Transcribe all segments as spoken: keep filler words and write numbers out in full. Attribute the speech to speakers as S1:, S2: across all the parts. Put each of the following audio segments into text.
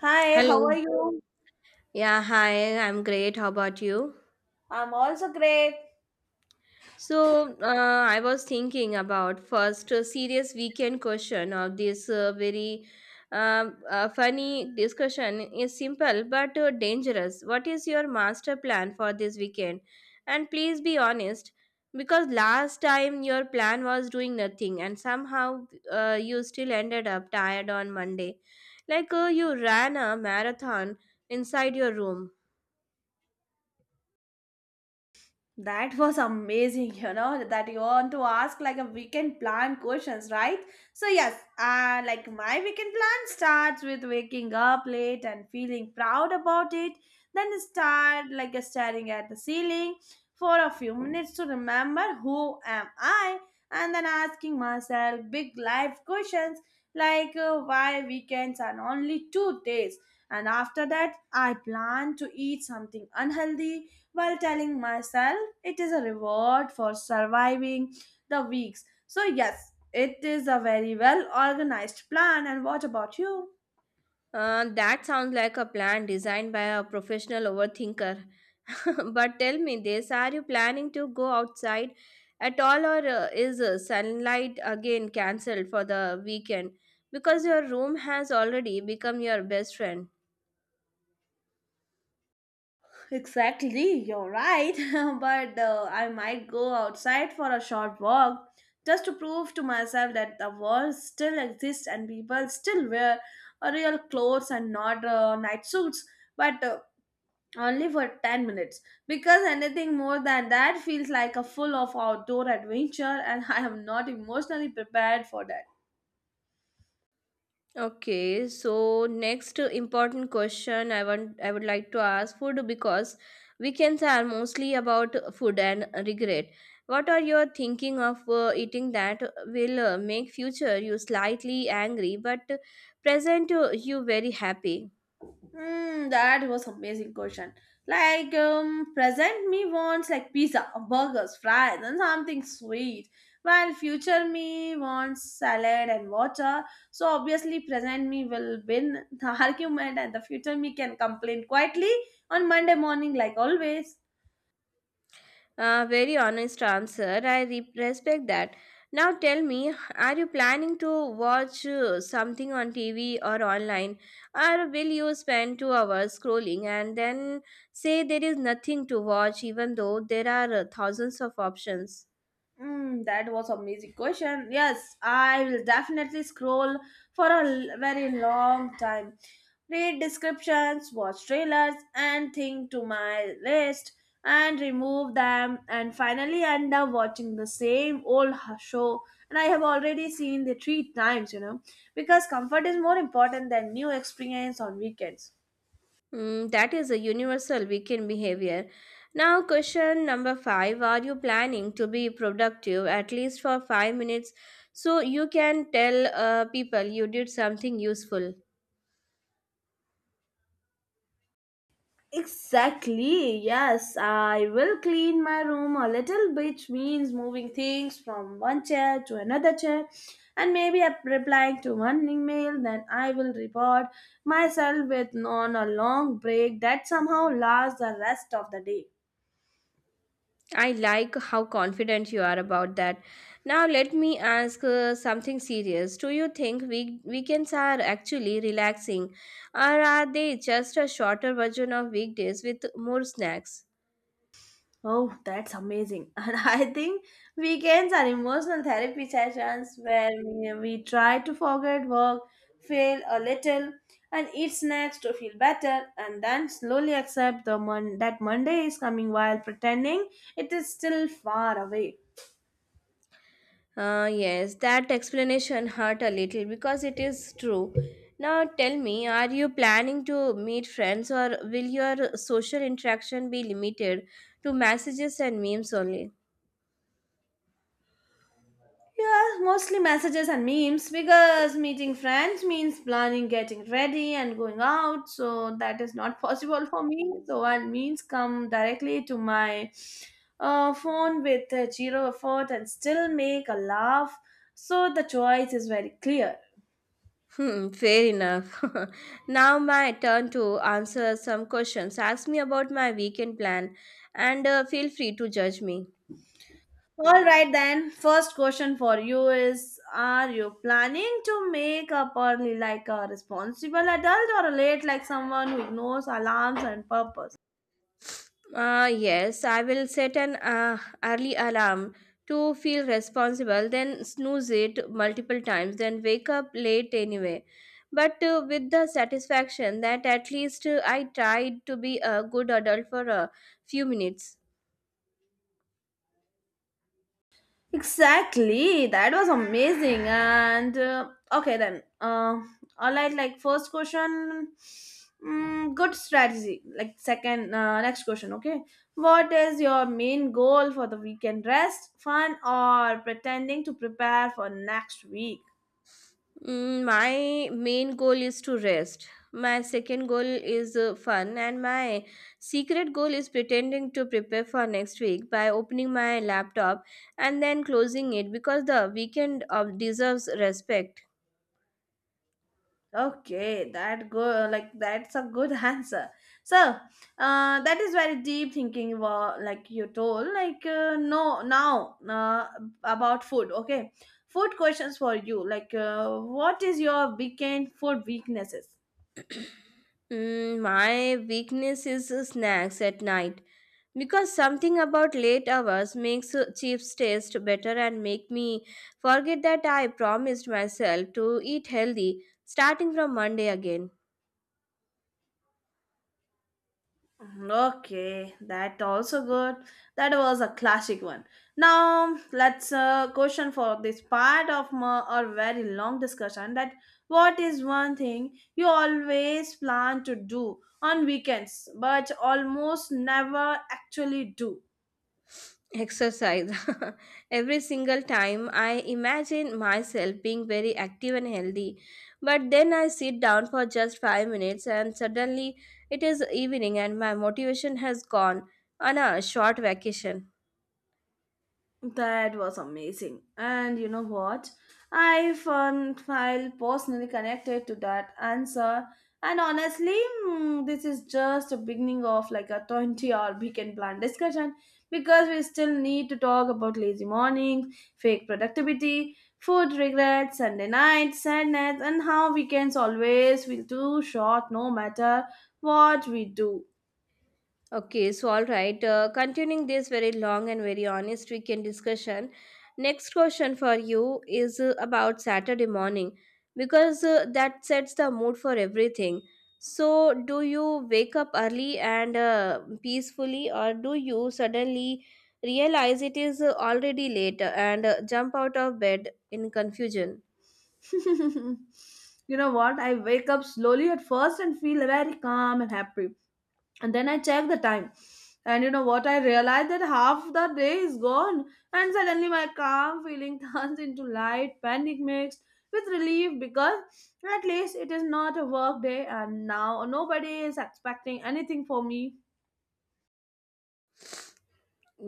S1: Hi, how are
S2: Hello.
S1: you?
S2: Yeah, hi. I'm great. How about you?
S1: I'm also great.
S2: So, uh, I was thinking about first uh, serious weekend question of this uh, very um uh, funny discussion is simple but uh, dangerous. What is your master plan for this weekend? And please be honest because last time your plan was doing nothing and somehow uh, you still ended up tired on Monday. Like uh, you ran a marathon inside your room.
S1: That was amazing, you know, that you want to ask like a weekend plan questions, right? So, yes, uh, like my weekend plan starts with waking up late and feeling proud about it. Then start like staring at the ceiling for a few minutes to remember who am I, and then asking myself big life questions like uh, why weekends are only two days. And after that, I plan to eat something unhealthy while telling myself it is a reward for surviving the weeks. So yes, it is a very well organized plan. And what about you?
S2: Uh, that sounds like a plan designed by a professional overthinker. But tell me this, are you planning to go outside at all, or uh, is uh, sunlight again cancelled for the weekend? Because your room has already become your best friend.
S1: Exactly, you're right. But uh, I might go outside for a short walk, just to prove to myself that the world still exists and people still wear uh, real clothes and not uh, night suits. But uh, only for ten minutes, because anything more than that feels like a full of outdoor adventure, and I am not emotionally prepared for that.
S2: Okay, so next important question I want I would like to ask food because weekends are mostly about food and regret. What are you thinking of uh, eating that will uh, make future you slightly angry but present uh, you very happy?
S1: Hmm, that was amazing question. Like um present me wants like pizza, burgers, fries, and something sweet, while future me wants salad and water. So obviously present me will win the argument, and the future me can complain quietly on Monday morning, like always.
S2: Uh, very honest answer. I re- respect that. Now tell me, are you planning to watch uh, something on T V or online, or will you spend two hours scrolling and then say there is nothing to watch, even though there are uh, thousands of options?
S1: Mm, that was amazing question. Yes, I will definitely scroll for a l- very long time. Read descriptions, watch trailers, and think to my list and remove them, and finally end up watching the same old h- show. And I have already seen the three times, you know, because comfort is more important than new experience on weekends.
S2: Mm, that is a universal weekend behavior. Now, question number five. Are you planning to be productive at least for five minutes so you can tell uh, people you did something useful?
S1: Exactly, yes. I will clean my room a little bit, means moving things from one chair to another chair, and maybe up- replying to one email. Then I will reward myself with on a long break that somehow lasts the rest of the day.
S2: I like how confident you are about that. Now, let me ask uh, something serious. Do you think week- weekends are actually relaxing, or are they just a shorter version of weekdays with more snacks?
S1: Oh, that's amazing. And I think weekends are emotional therapy sessions where we, we try to forget work, fail a little, and eat snacks to feel better, and then slowly accept the mon- that Monday is coming while pretending it is still far away.
S2: Uh, yes, that explanation hurt a little because it is true. Now, tell me, are you planning to meet friends, or will your social interaction be limited to messages and memes only?
S1: Yeah, mostly messages and memes because meeting friends means planning, getting ready, and going out. So that is not possible for me. So, and memes come directly to my uh, phone with uh, zero effort, and still make a laugh. So the choice is very clear.
S2: Hmm, fair enough. Now my turn to answer some questions. Ask me about my weekend plan and uh, feel free to judge me.
S1: All right, then. First question for you is, are you planning to make up early like a responsible adult, or late like someone who ignores alarms and purpose?
S2: Uh, yes, I will set an uh, early alarm to feel responsible, then snooze it multiple times, then wake up late anyway. But uh, with the satisfaction that at least uh, I tried to be a good adult for a few minutes.
S1: Exactly, that was amazing. And uh, okay, then, uh, all right, like first question, mm, good strategy. Like second, uh, next question, okay. What is your main goal for the weekend? Rest, fun, or pretending to prepare for next week?
S2: Mm, my main goal is to rest. My second goal is uh, fun, and my secret goal is pretending to prepare for next week by opening my laptop and then closing it because the weekend uh, deserves respect.
S1: Okay, that go like that's a good answer. So, uh, that is very deep thinking. wa- Like you told, like uh, no, now uh, about food. Okay, food questions for you. Like, uh, what is your weekend food weaknesses?
S2: Mm, my weakness is uh, snacks at night because something about late hours makes uh, chips taste better and make me forget that I promised myself to eat healthy starting from Monday again.
S1: Okay, that also good. That was a classic one. Now let's uh, question for this part of my, our very long discussion. That what is one thing you always plan to do on weekends but almost never actually do?
S2: Exercise. Every single time I imagine myself being very active and healthy, but then I sit down for just five minutes and suddenly it is evening and my motivation has gone on a short vacation.
S1: That was amazing. And you know what? I found feel personally connected to that answer. And honestly, mm, this is just a beginning of like a twenty-hour weekend plan discussion, because we still need to talk about lazy mornings, fake productivity, food regrets, Sunday nights, sadness, and how weekends always feel too short no matter what we do.
S2: Okay, so all right. Uh, continuing this very long and very honest weekend discussion, next question for you is uh, about Saturday morning because uh, that sets the mood for everything. So, do you wake up early and uh, peacefully, or do you suddenly realize it is uh, already late and uh, jump out of bed in confusion?
S1: You know what? I wake up slowly at first and feel very calm and happy. And then I check the time. And you know what? I realize that half the day is gone. And suddenly my calm feeling turns into light panic mixed with relief, because at least it is not a work day and now nobody is expecting anything for me.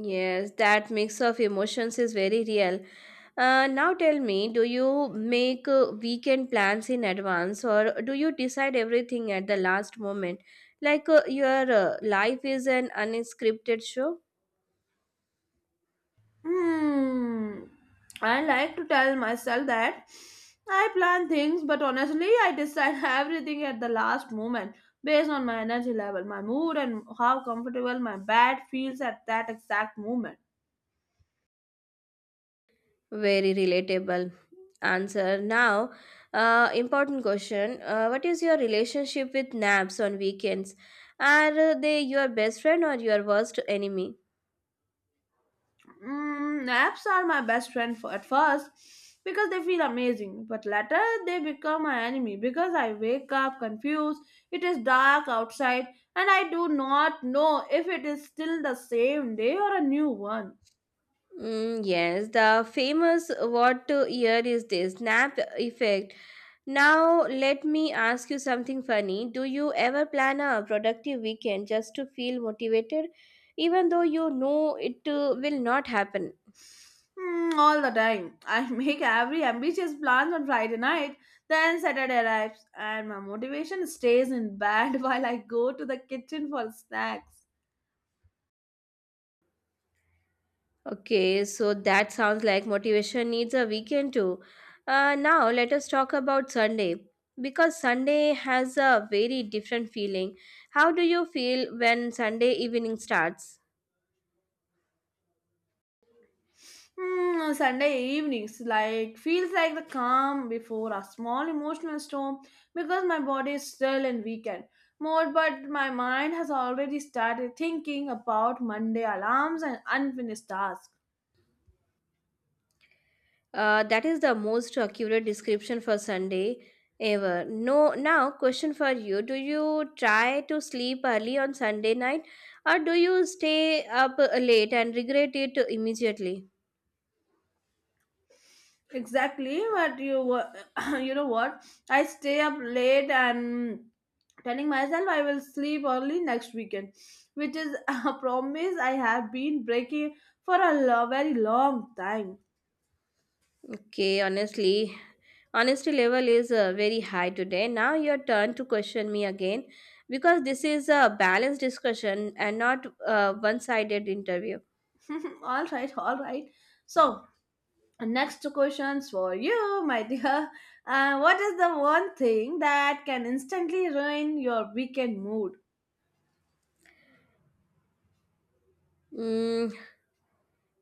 S2: Yes, that mix of emotions is very real. Uh, now tell me, do you make uh, weekend plans in advance, or do you decide everything at the last moment? Like uh, your uh, life is an unscripted show?
S1: Hmm. I like to tell myself that I plan things, but honestly, I decide everything at the last moment based on my energy level, my mood, and how comfortable my bed feels at that exact moment.
S2: Very relatable answer. Now, uh, important question. Uh, what is your relationship with naps on weekends? Are uh, they your best friend or your worst enemy?
S1: Mm, apps are my best friend for, at first, because they feel amazing, but later they become my enemy because I wake up confused. It is dark outside, and I do not know if it is still the same day or a new one.
S2: Mm, yes, the famous what to ear is this snap effect. Now, let me ask you something funny. Do you ever plan a productive weekend just to feel motivated, even though you know it uh, will not happen?
S1: Mm, all the time. I make every ambitious plans on Friday night, then Saturday arrives, and my motivation stays in bed while I go to the kitchen for snacks.
S2: Okay, so that sounds like motivation needs a weekend too. Uh, now, let us talk about Sunday because Sunday has a very different feeling. How do you feel when Sunday evening starts?
S1: Mm, Sunday evenings like feels like the calm before a small emotional storm, because my body is still in weekend mode, but my mind has already started thinking about Monday alarms and unfinished tasks.
S2: Uh, that is the most accurate description for Sunday ever. No, now question for you: do you try to sleep early on Sunday night, or do you stay up late and regret it immediately?
S1: Exactly, but you wa- you know what? I stay up late and telling myself I will sleep early next weekend, which is a promise I have been breaking for a lo- very long time.
S2: Okay, honestly, honesty level is uh, very high today. Now your turn to question me again, because this is a balanced discussion and not a one-sided interview.
S1: All right, all right. So next questions for you, my dear. Uh, what is the one thing that can instantly ruin your weekend mood?
S2: Mm,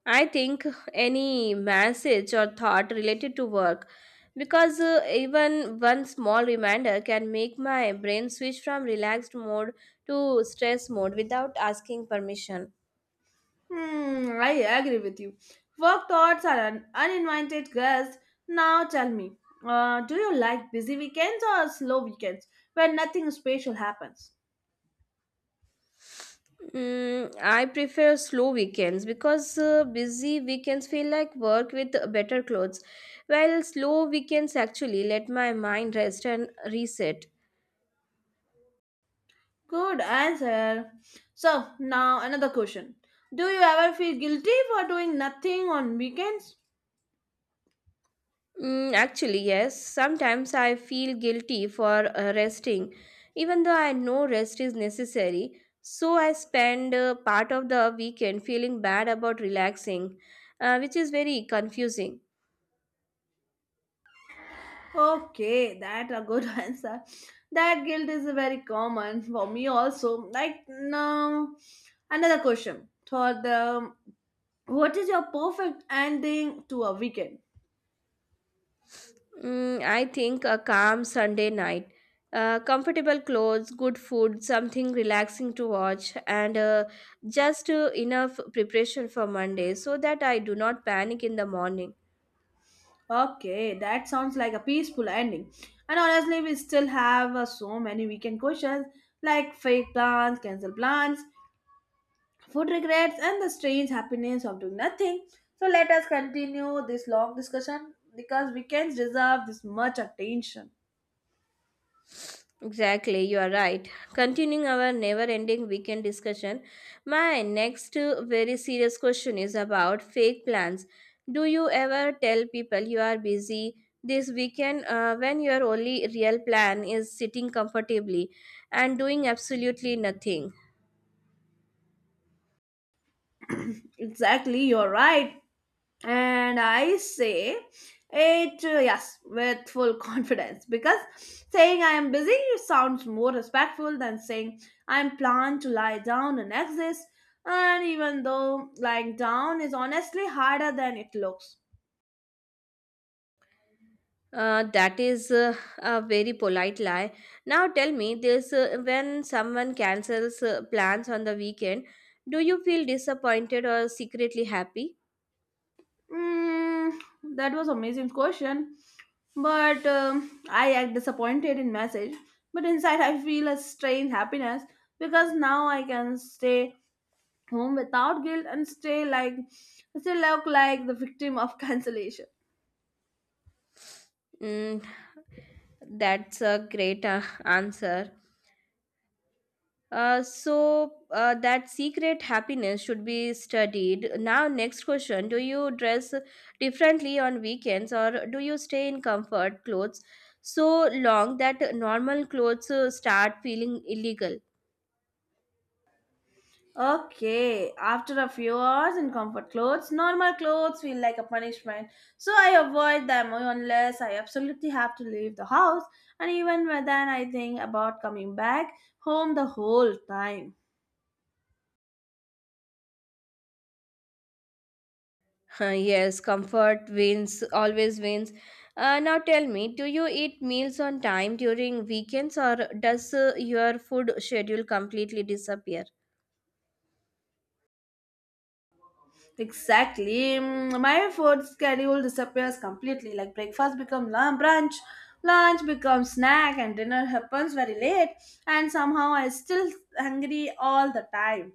S2: I think any message or thought related to work, because uh, even one small reminder can make my brain switch from relaxed mode to stress mode without asking permission.
S1: Hmm, I agree with you. Work thoughts are an uninvited guest. Now tell me, uh, do you like busy weekends or slow weekends where nothing special happens?
S2: Mm, I prefer slow weekends because uh, busy weekends feel like work with better clothes, while slow weekends actually let my mind rest and reset.
S1: Good answer. So, now another question. Do you ever feel guilty for doing nothing on weekends?
S2: Mm, actually, yes. Sometimes I feel guilty for uh, resting, even though I know rest is necessary. So I spend uh, part of the weekend feeling bad about relaxing, uh, which is very confusing.
S1: Okay, that a good answer. That guilt is very common for me also. Like, now, another question for the What is your perfect ending to a weekend?
S2: Mm, I think a calm Sunday night, uh, comfortable clothes, good food, something relaxing to watch, and uh, just uh, enough preparation for Monday so that I do not panic in the morning.
S1: Okay, that sounds like a peaceful ending. And honestly, we still have uh, so many weekend questions like fake plans, cancel plans, food regrets, and the strange happiness of doing nothing. So let us continue this long discussion because weekends deserve this much attention.
S2: Exactly, you are right. Continuing our never ending weekend discussion, my next uh, very serious question is about fake plans. Do you ever tell people you are busy this weekend uh, when your only real plan is sitting comfortably and doing absolutely nothing?
S1: Exactly, you're right. And I say it, uh, yes, with full confidence, because saying I am busy sounds more respectful than saying I'm planned to lie down and exist, and even though lying down is honestly harder than it looks.
S2: Uh, that is uh, a very polite lie. Now tell me this, uh, when someone cancels uh, plans on the weekend, do you feel disappointed or secretly happy?
S1: Mm, that was amazing question. But um, I act disappointed in message. But inside, I feel a strange happiness because now I can stay home without guilt, and stay like still look like the victim of cancellation.
S2: Mm, That's a great uh, answer. Uh, so uh, that secret happiness should be studied. Now, next question: do you dress differently on weekends, or do you stay in comfort clothes so long that normal clothes uh, start feeling illegal?
S1: Okay, after a few hours in comfort clothes, normal clothes feel like a punishment, so I avoid them unless I absolutely have to leave the house, and even when then I think about coming back home the whole time.
S2: Huh, yes, comfort wins, always wins. Uh, now tell me, do you eat meals on time during weekends, or does uh, your food schedule completely disappear?
S1: Exactly. Mm, my food schedule disappears completely. Like breakfast becomes lunch, brunch, lunch becomes snack, and dinner happens very late. And somehow I still hungry all the time.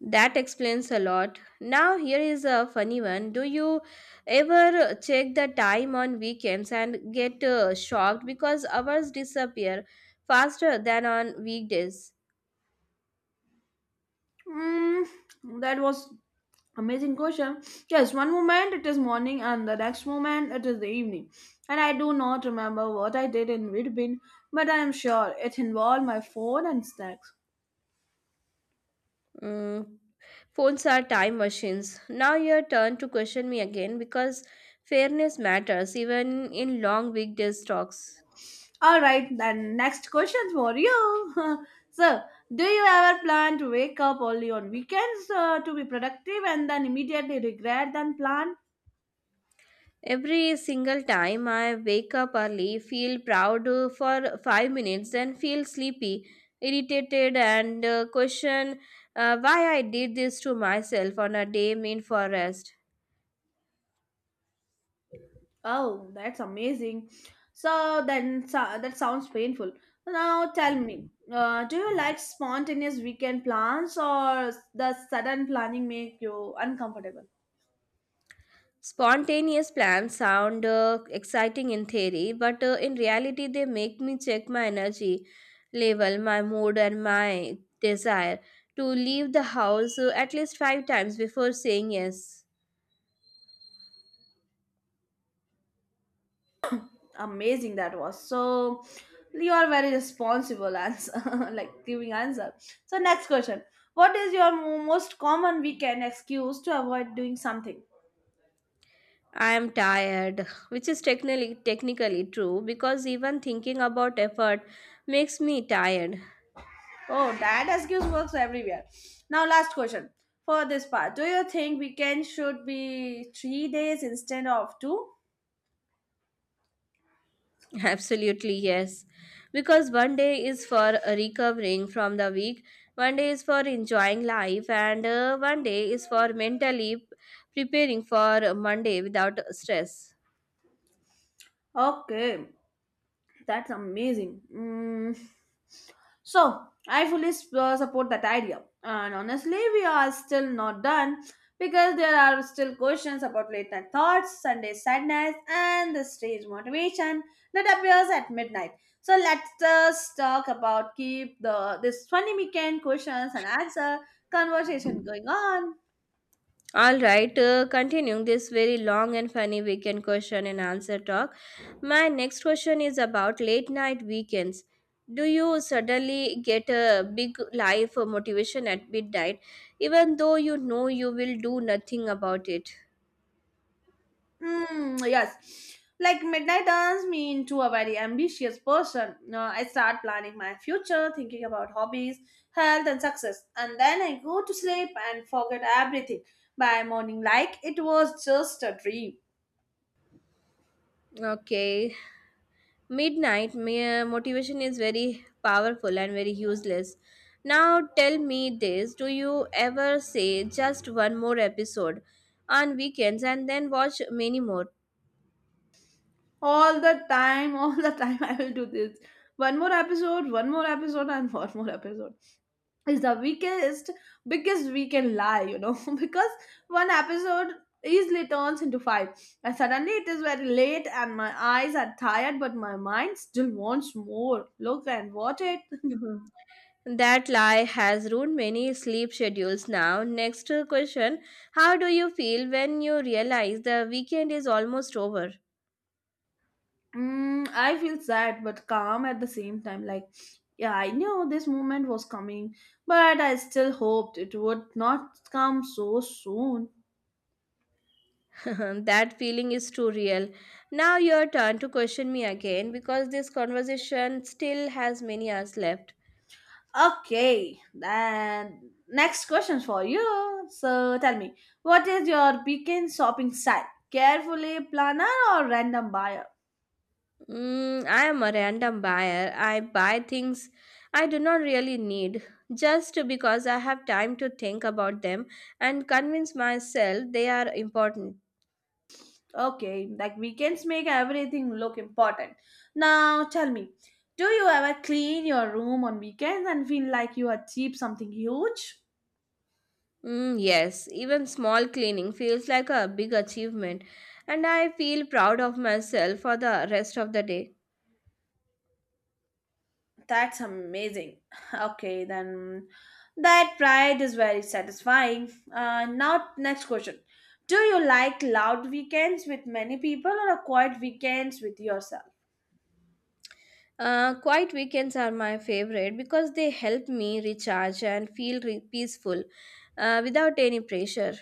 S2: That explains a lot. Now, here is a funny one. Do you ever check the time on weekends and get uh, shocked because hours disappear faster than on weekdays?
S1: Mm, that was amazing question. Yes, one moment it is morning, and the next moment it is the evening. And I do not remember what I did in between, but I am sure it involved my phone and snacks.
S2: Mm, Phones are time machines. Now, your turn to question me again because fairness matters even in long weekdays talks.
S1: All right, then next questions for you. So, do you ever plan to wake up only on weekends uh, to be productive and then immediately regret then plan?
S2: Every single time I wake up early, feel proud uh, for five minutes, then feel sleepy, irritated, and uh, question uh, why I did this to myself on a day meant for rest.
S1: Oh, that's amazing. So then so, that sounds painful. Now tell me, uh, do you like spontaneous weekend plans, or does sudden planning make you uncomfortable?
S2: Spontaneous plans sound uh, exciting in theory, but uh, in reality, they make me check my energy level, my mood, and my desire to leave the house uh, at least five times before saying yes.
S1: Amazing, that was so you are very responsible answer. Like giving answer. So next question, what is your mo- most common weekend excuse to avoid doing something?
S2: I am tired, which is technically technically true because even thinking about effort makes me tired.
S1: Oh, that excuse works everywhere. Now last question for this part, do you think weekend should be three days instead of two?
S2: Absolutely yes. Because one day is for recovering from the week, one day is for enjoying life, and uh, one day is for mentally preparing for Monday without stress.
S1: Okay, that's amazing. Mm. So, I fully s- uh, support that idea. And honestly, we are still not done because there are still questions about late night thoughts, Sunday sadness, and the strange motivation that appears at midnight. So, let's just talk about keep the this twenty weekend questions and answer conversation going on.
S2: All right, uh, continuing this very long and funny weekend question and answer talk. My next question is about late night weekends. Do you suddenly get a big life or motivation at midnight, even though you know you will do nothing about it?
S1: Hmm, yes. Like midnight turns me into a very ambitious person. Uh, I start planning my future, thinking about hobbies, health, and success. And then I go to sleep and forget everything by morning, like it was just a dream.
S2: Okay, midnight my, uh, motivation is very powerful and very useless. Now tell me this, do you ever say just one more episode on weekends and then watch many more?
S1: All the time, all the time, I will do this. One more episode, one more episode, and one more episode is the weakest biggest we can lie you know because one episode easily turns into five, and suddenly it is very late and my eyes are tired but my mind still wants more, look and watch it.
S2: That lie has ruined many sleep schedules. Now, next uh, question: how do you feel when you realize the weekend is almost over?
S1: Mm, I feel sad but calm at the same time, like, yeah, I knew this moment was coming, but I still hoped it would not come so soon.
S2: That feeling is too real. Now, your turn to question me again because this conversation still has many hours left.
S1: Okay, then next question for you. So tell me, what is your weekend shopping style? Carefully planner or random buyer?
S2: Mm, I am a random buyer. I buy things I do not really need just because I have time to think about them and convince myself they are important.
S1: Okay, like weekends make everything look important. Now tell me, do you ever clean your room on weekends and feel like you achieved something huge?
S2: Mm, yes, even small cleaning feels like a big achievement, and I feel proud of myself for the rest of the day.
S1: That's amazing. Okay, then that pride is very satisfying. Uh, now, next question. Do you like loud weekends with many people or a quiet weekends with yourself?
S2: Uh, quiet weekends are my favorite because they help me recharge and feel re- peaceful uh, without any pressure.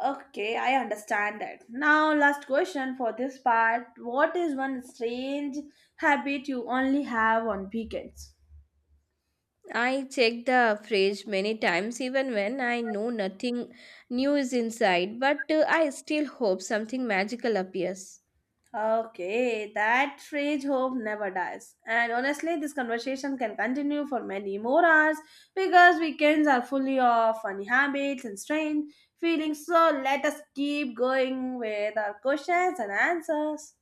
S1: Okay, I understand that. Now, last question for this part. What is one strange habit you only have on weekends?
S2: I check the fridge many times even when I know nothing new is inside, but uh, I still hope something magical appears.
S1: Okay, that strange hope never dies. And honestly, this conversation can continue for many more hours because weekends are fully of funny habits and strange feelings. So let us keep going with our questions and answers.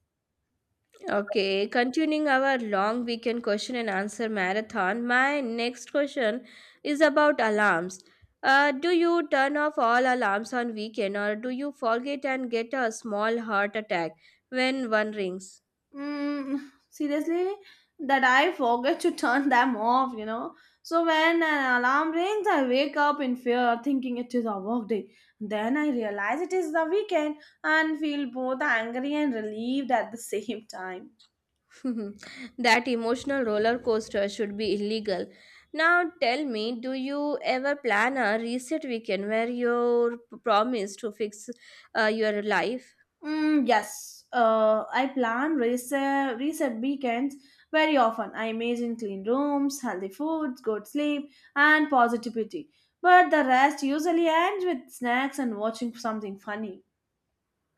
S2: Okay, continuing our long weekend question and answer marathon, my next question is about alarms. Uh, do you turn off all alarms on weekend, or do you forget and get a small heart attack when one rings?
S1: Mm, Seriously, that I forget to turn them off, you know. So when an alarm rings, I wake up in fear, thinking it is a work day. Then I realize it is the weekend and feel both angry and relieved at the same time.
S2: That emotional roller coaster should be illegal. Now tell me, do you ever plan a reset weekend where you promise to fix uh, your life?
S1: Mm, yes, uh, I plan reset, reset weekends very often. I imagine clean rooms, healthy foods, good sleep, and positivity. But the rest usually ends with snacks and watching something funny.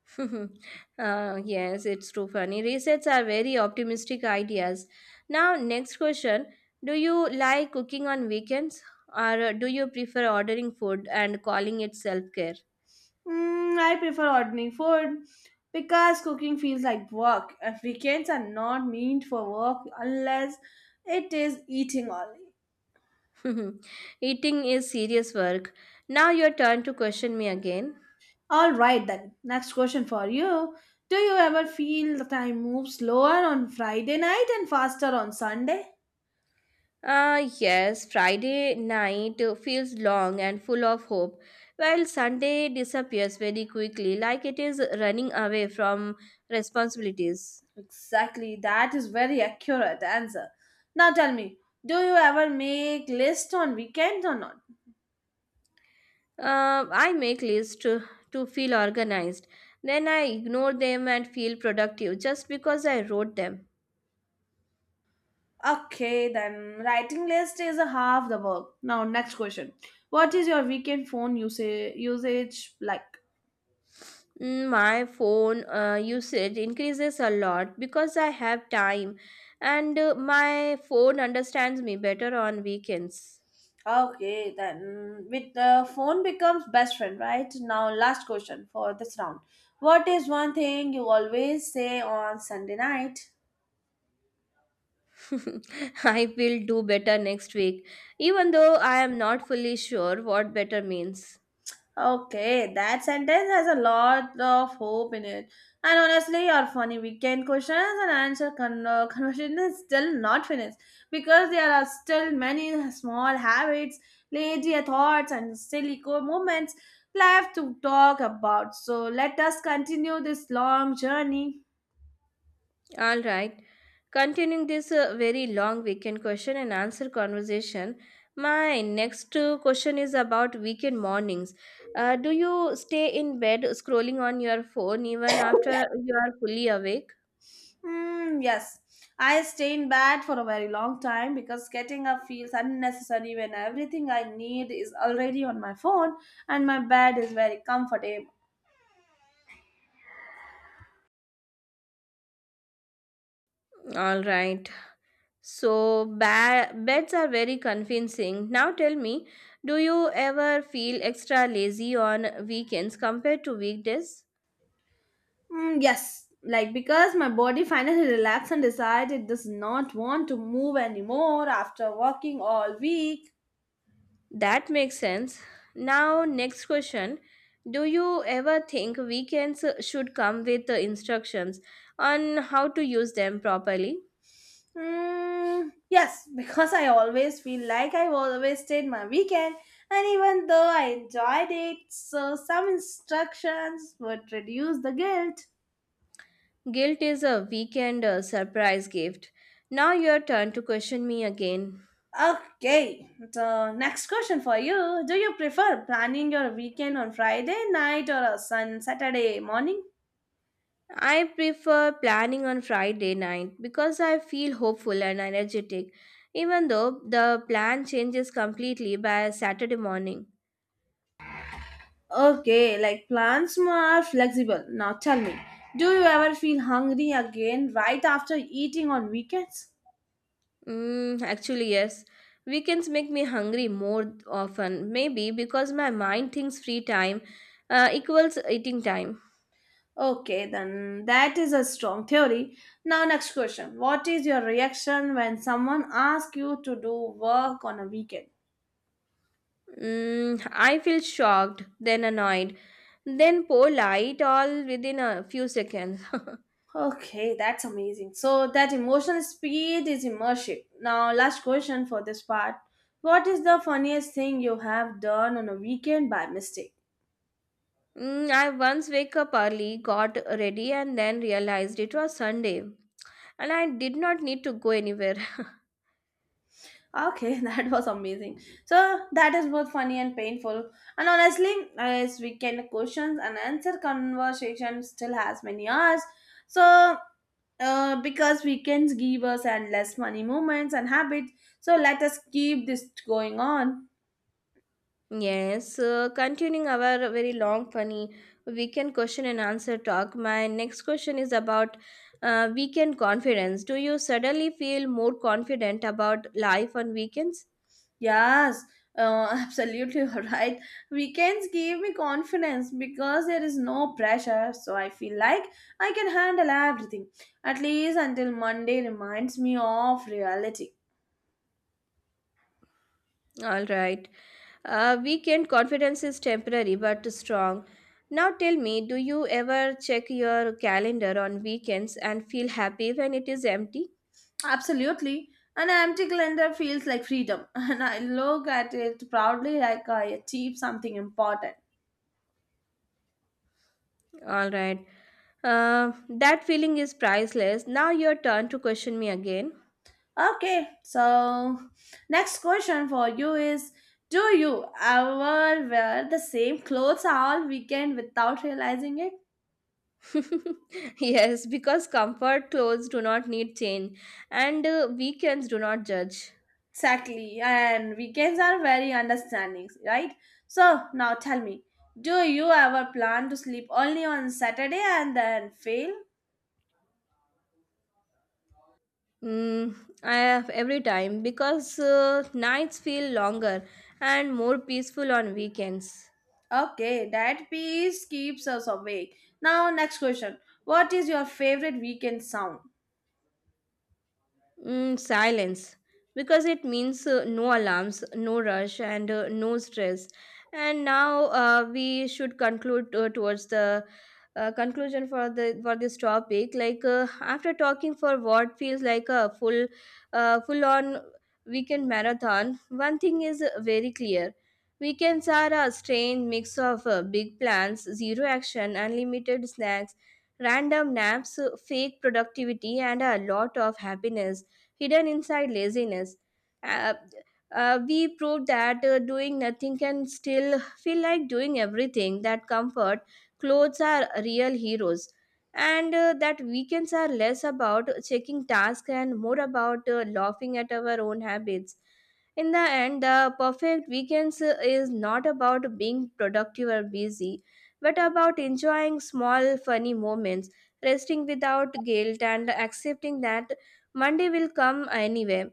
S2: uh, Yes, it's too funny. Resets are very optimistic ideas. Now, next question. Do you like cooking on weekends, or uh, do you prefer ordering food and calling it self-care?
S1: Mm, I prefer ordering food because cooking feels like work. And weekends are not meant for work unless it is eating only.
S2: Eating is serious work. Now your turn to question me again.
S1: All right then. Next question for you. Do you ever feel the time moves slower on Friday night and faster on Sunday?
S2: Ah, yes, Friday night uh, feels long and full of hope, while Sunday disappears very quickly, like it is running away from responsibilities.
S1: Exactly. That is very accurate answer. Now tell me, do you ever make list on weekends or not?
S2: Uh, I make lists to, to feel organized. Then I ignore them and feel productive just because I wrote them.
S1: Okay, then writing list is a half the work. Now, next question. What is your weekend phone usage usage like?
S2: Mm, My phone uh, usage increases a lot because I have time, and uh, my phone understands me better on weekends.
S1: Okay, then with the phone becomes best friend, right? Now, last question for this round. What is one thing you always say on Sunday night?
S2: I will do better next week, even though I am not fully sure what better means.
S1: Okay, that sentence has a lot of hope in it. And honestly, your funny weekend questions and answer con- uh, conversation is still not finished because there are still many small habits, lazy thoughts, and silly core moments left to talk about. So let us continue this long journey.
S2: All right. Continuing this uh, very long weekend question and answer conversation, my next uh, question is about weekend mornings. Uh, do you stay in bed scrolling on your phone even after you are fully awake?
S1: Hmm, yes, I stay in bed for a very long time because getting up feels unnecessary when everything I need is already on my phone and my bed is very comfortable.
S2: All right. So ba- beds are very convincing. Now tell me, do you ever feel extra lazy on weekends compared to weekdays?
S1: Hmm, yes, like because my body finally relaxed and decided it does not want to move anymore after working all week.
S2: That makes sense. Now, next question. Do you ever think weekends uh, should come with uh, instructions on how to use them properly?
S1: Hmm, yes, because I always feel like I always stayed my weekend and even though I enjoyed it, so some instructions would reduce the guilt.
S2: Guilt is a weekend uh, surprise gift. Now, your turn to question me again.
S1: Okay, so next question for you. Do you prefer planning your weekend on Friday night or a sun Saturday morning?
S2: I prefer planning on Friday night because I feel hopeful and energetic, even though the plan changes completely by Saturday morning.
S1: Okay, like plans are flexible. Now tell me, do you ever feel hungry again right after eating on weekends?
S2: Mm, actually, yes. Weekends make me hungry more often, maybe because my mind thinks free time uh, equals eating time.
S1: Okay, then that is a strong theory. Now, next question. What is your reaction when someone asks you to do work on a weekend?
S2: Mm, I feel shocked, then annoyed, then polite all within a few seconds.
S1: Okay, that's amazing. So that emotional speed is immersive. Now, last question for this part. What is the funniest thing you have done on a weekend by mistake?
S2: Mm, I once wake up early, got ready, and then realized it was Sunday, and I did not need to go anywhere.
S1: Okay, that was amazing. So that is both funny and painful. And honestly, as weekend questions and answer conversation still has many hours. So uh, because weekends give us endless funny moments and habits. So let us keep this going on.
S2: Yes, uh, continuing our very long, funny weekend question and answer talk. My next question is about uh, weekend confidence. Do you suddenly feel more confident about life on weekends?
S1: Yes, uh, absolutely all right. Weekends give me confidence because there is no pressure, so I feel like I can handle everything, at least until Monday reminds me of reality.
S2: All right. Uh, weekend confidence is temporary but strong. Now tell me, do you ever check your calendar on weekends and feel happy when it is empty?
S1: Absolutely. An empty calendar feels like freedom, and I look at it proudly like I achieved something important.
S2: All right. Uh, that feeling is priceless. Now your turn to question me again.
S1: Okay, so next question for you is, do you ever wear the same clothes all weekend without realizing it?
S2: Yes, because comfort clothes do not need change, and uh, weekends do not judge.
S1: Exactly, and weekends are very understanding, right? So now tell me, do you ever plan to sleep only on Saturday and then fail?
S2: Mm, I have every time because uh, nights feel longer and more peaceful on weekends.
S1: Okay, that piece keeps us awake. Now, next question, what is your favorite weekend sound?
S2: Mm, silence, because it means uh, no alarms, no rush, and uh, no stress. And now uh, we should conclude uh, towards the uh, conclusion for the for this topic. Like uh, after talking for what feels like a full, uh, full on weekend marathon, one thing is uh, very clear. Weekends are a strange mix of uh, big plans, zero action, unlimited snacks, random naps, uh, fake productivity, and a lot of happiness hidden inside laziness. Uh, uh, we proved that uh, doing nothing can still feel like doing everything, that comfort, clothes are real heroes. And uh, that weekends are less about checking tasks and more about uh, laughing at our own habits. In the end, the perfect weekends uh, is not about being productive or busy, but about enjoying small, funny moments, resting without guilt, and accepting that Monday will come anyway,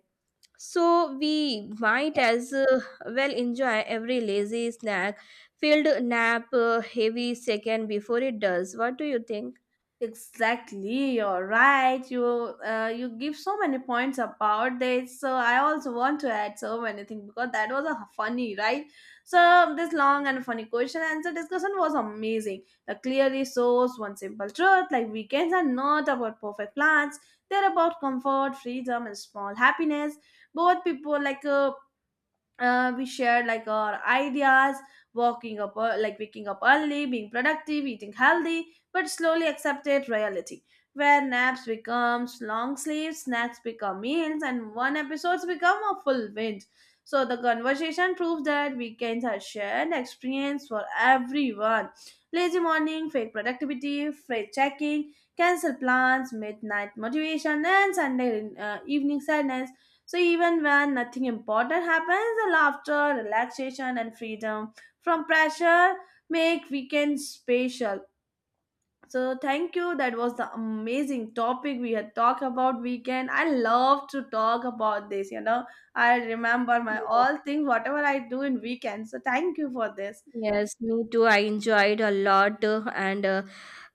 S2: so we might as uh, well enjoy every lazy snack filled nap uh, heavy second before it does. What do you think?
S1: Exactly, you're right. You uh, you give so many points about this. So I also want to add so many things because that was a funny, right? So this long and funny question answer discussion was amazing. It clearly shows one simple truth: like weekends are not about perfect plans; they're about comfort, freedom, and small happiness. Both people like uh, uh, we shared like our ideas, walking up ear- like waking up early, being productive, eating healthy, but slowly accepted reality where naps becomes long sleeps, snacks become meals, and one episodes become a full binge. So the conversation proves that weekends are shared experience for everyone: lazy morning, fake productivity, freight checking, cancel plans, midnight motivation, and Sunday uh, evening sadness. So even when nothing important happens, the laughter, relaxation, and freedom from pressure make weekends special. So thank you. That was the amazing topic we had talked about weekend. I love to talk about this. You know, I remember my
S2: Yes,
S1: all things, whatever I do in weekends. So thank you for this.
S2: Yes, me too. I enjoyed a lot, uh, and uh,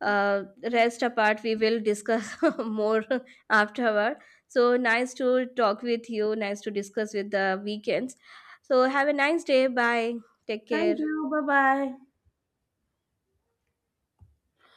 S2: uh, rest apart, we will discuss more afterward. So nice to talk with you. Nice to discuss with the weekends. So have a nice day. Bye. Take
S1: Thank
S2: care.
S1: you. Bye bye.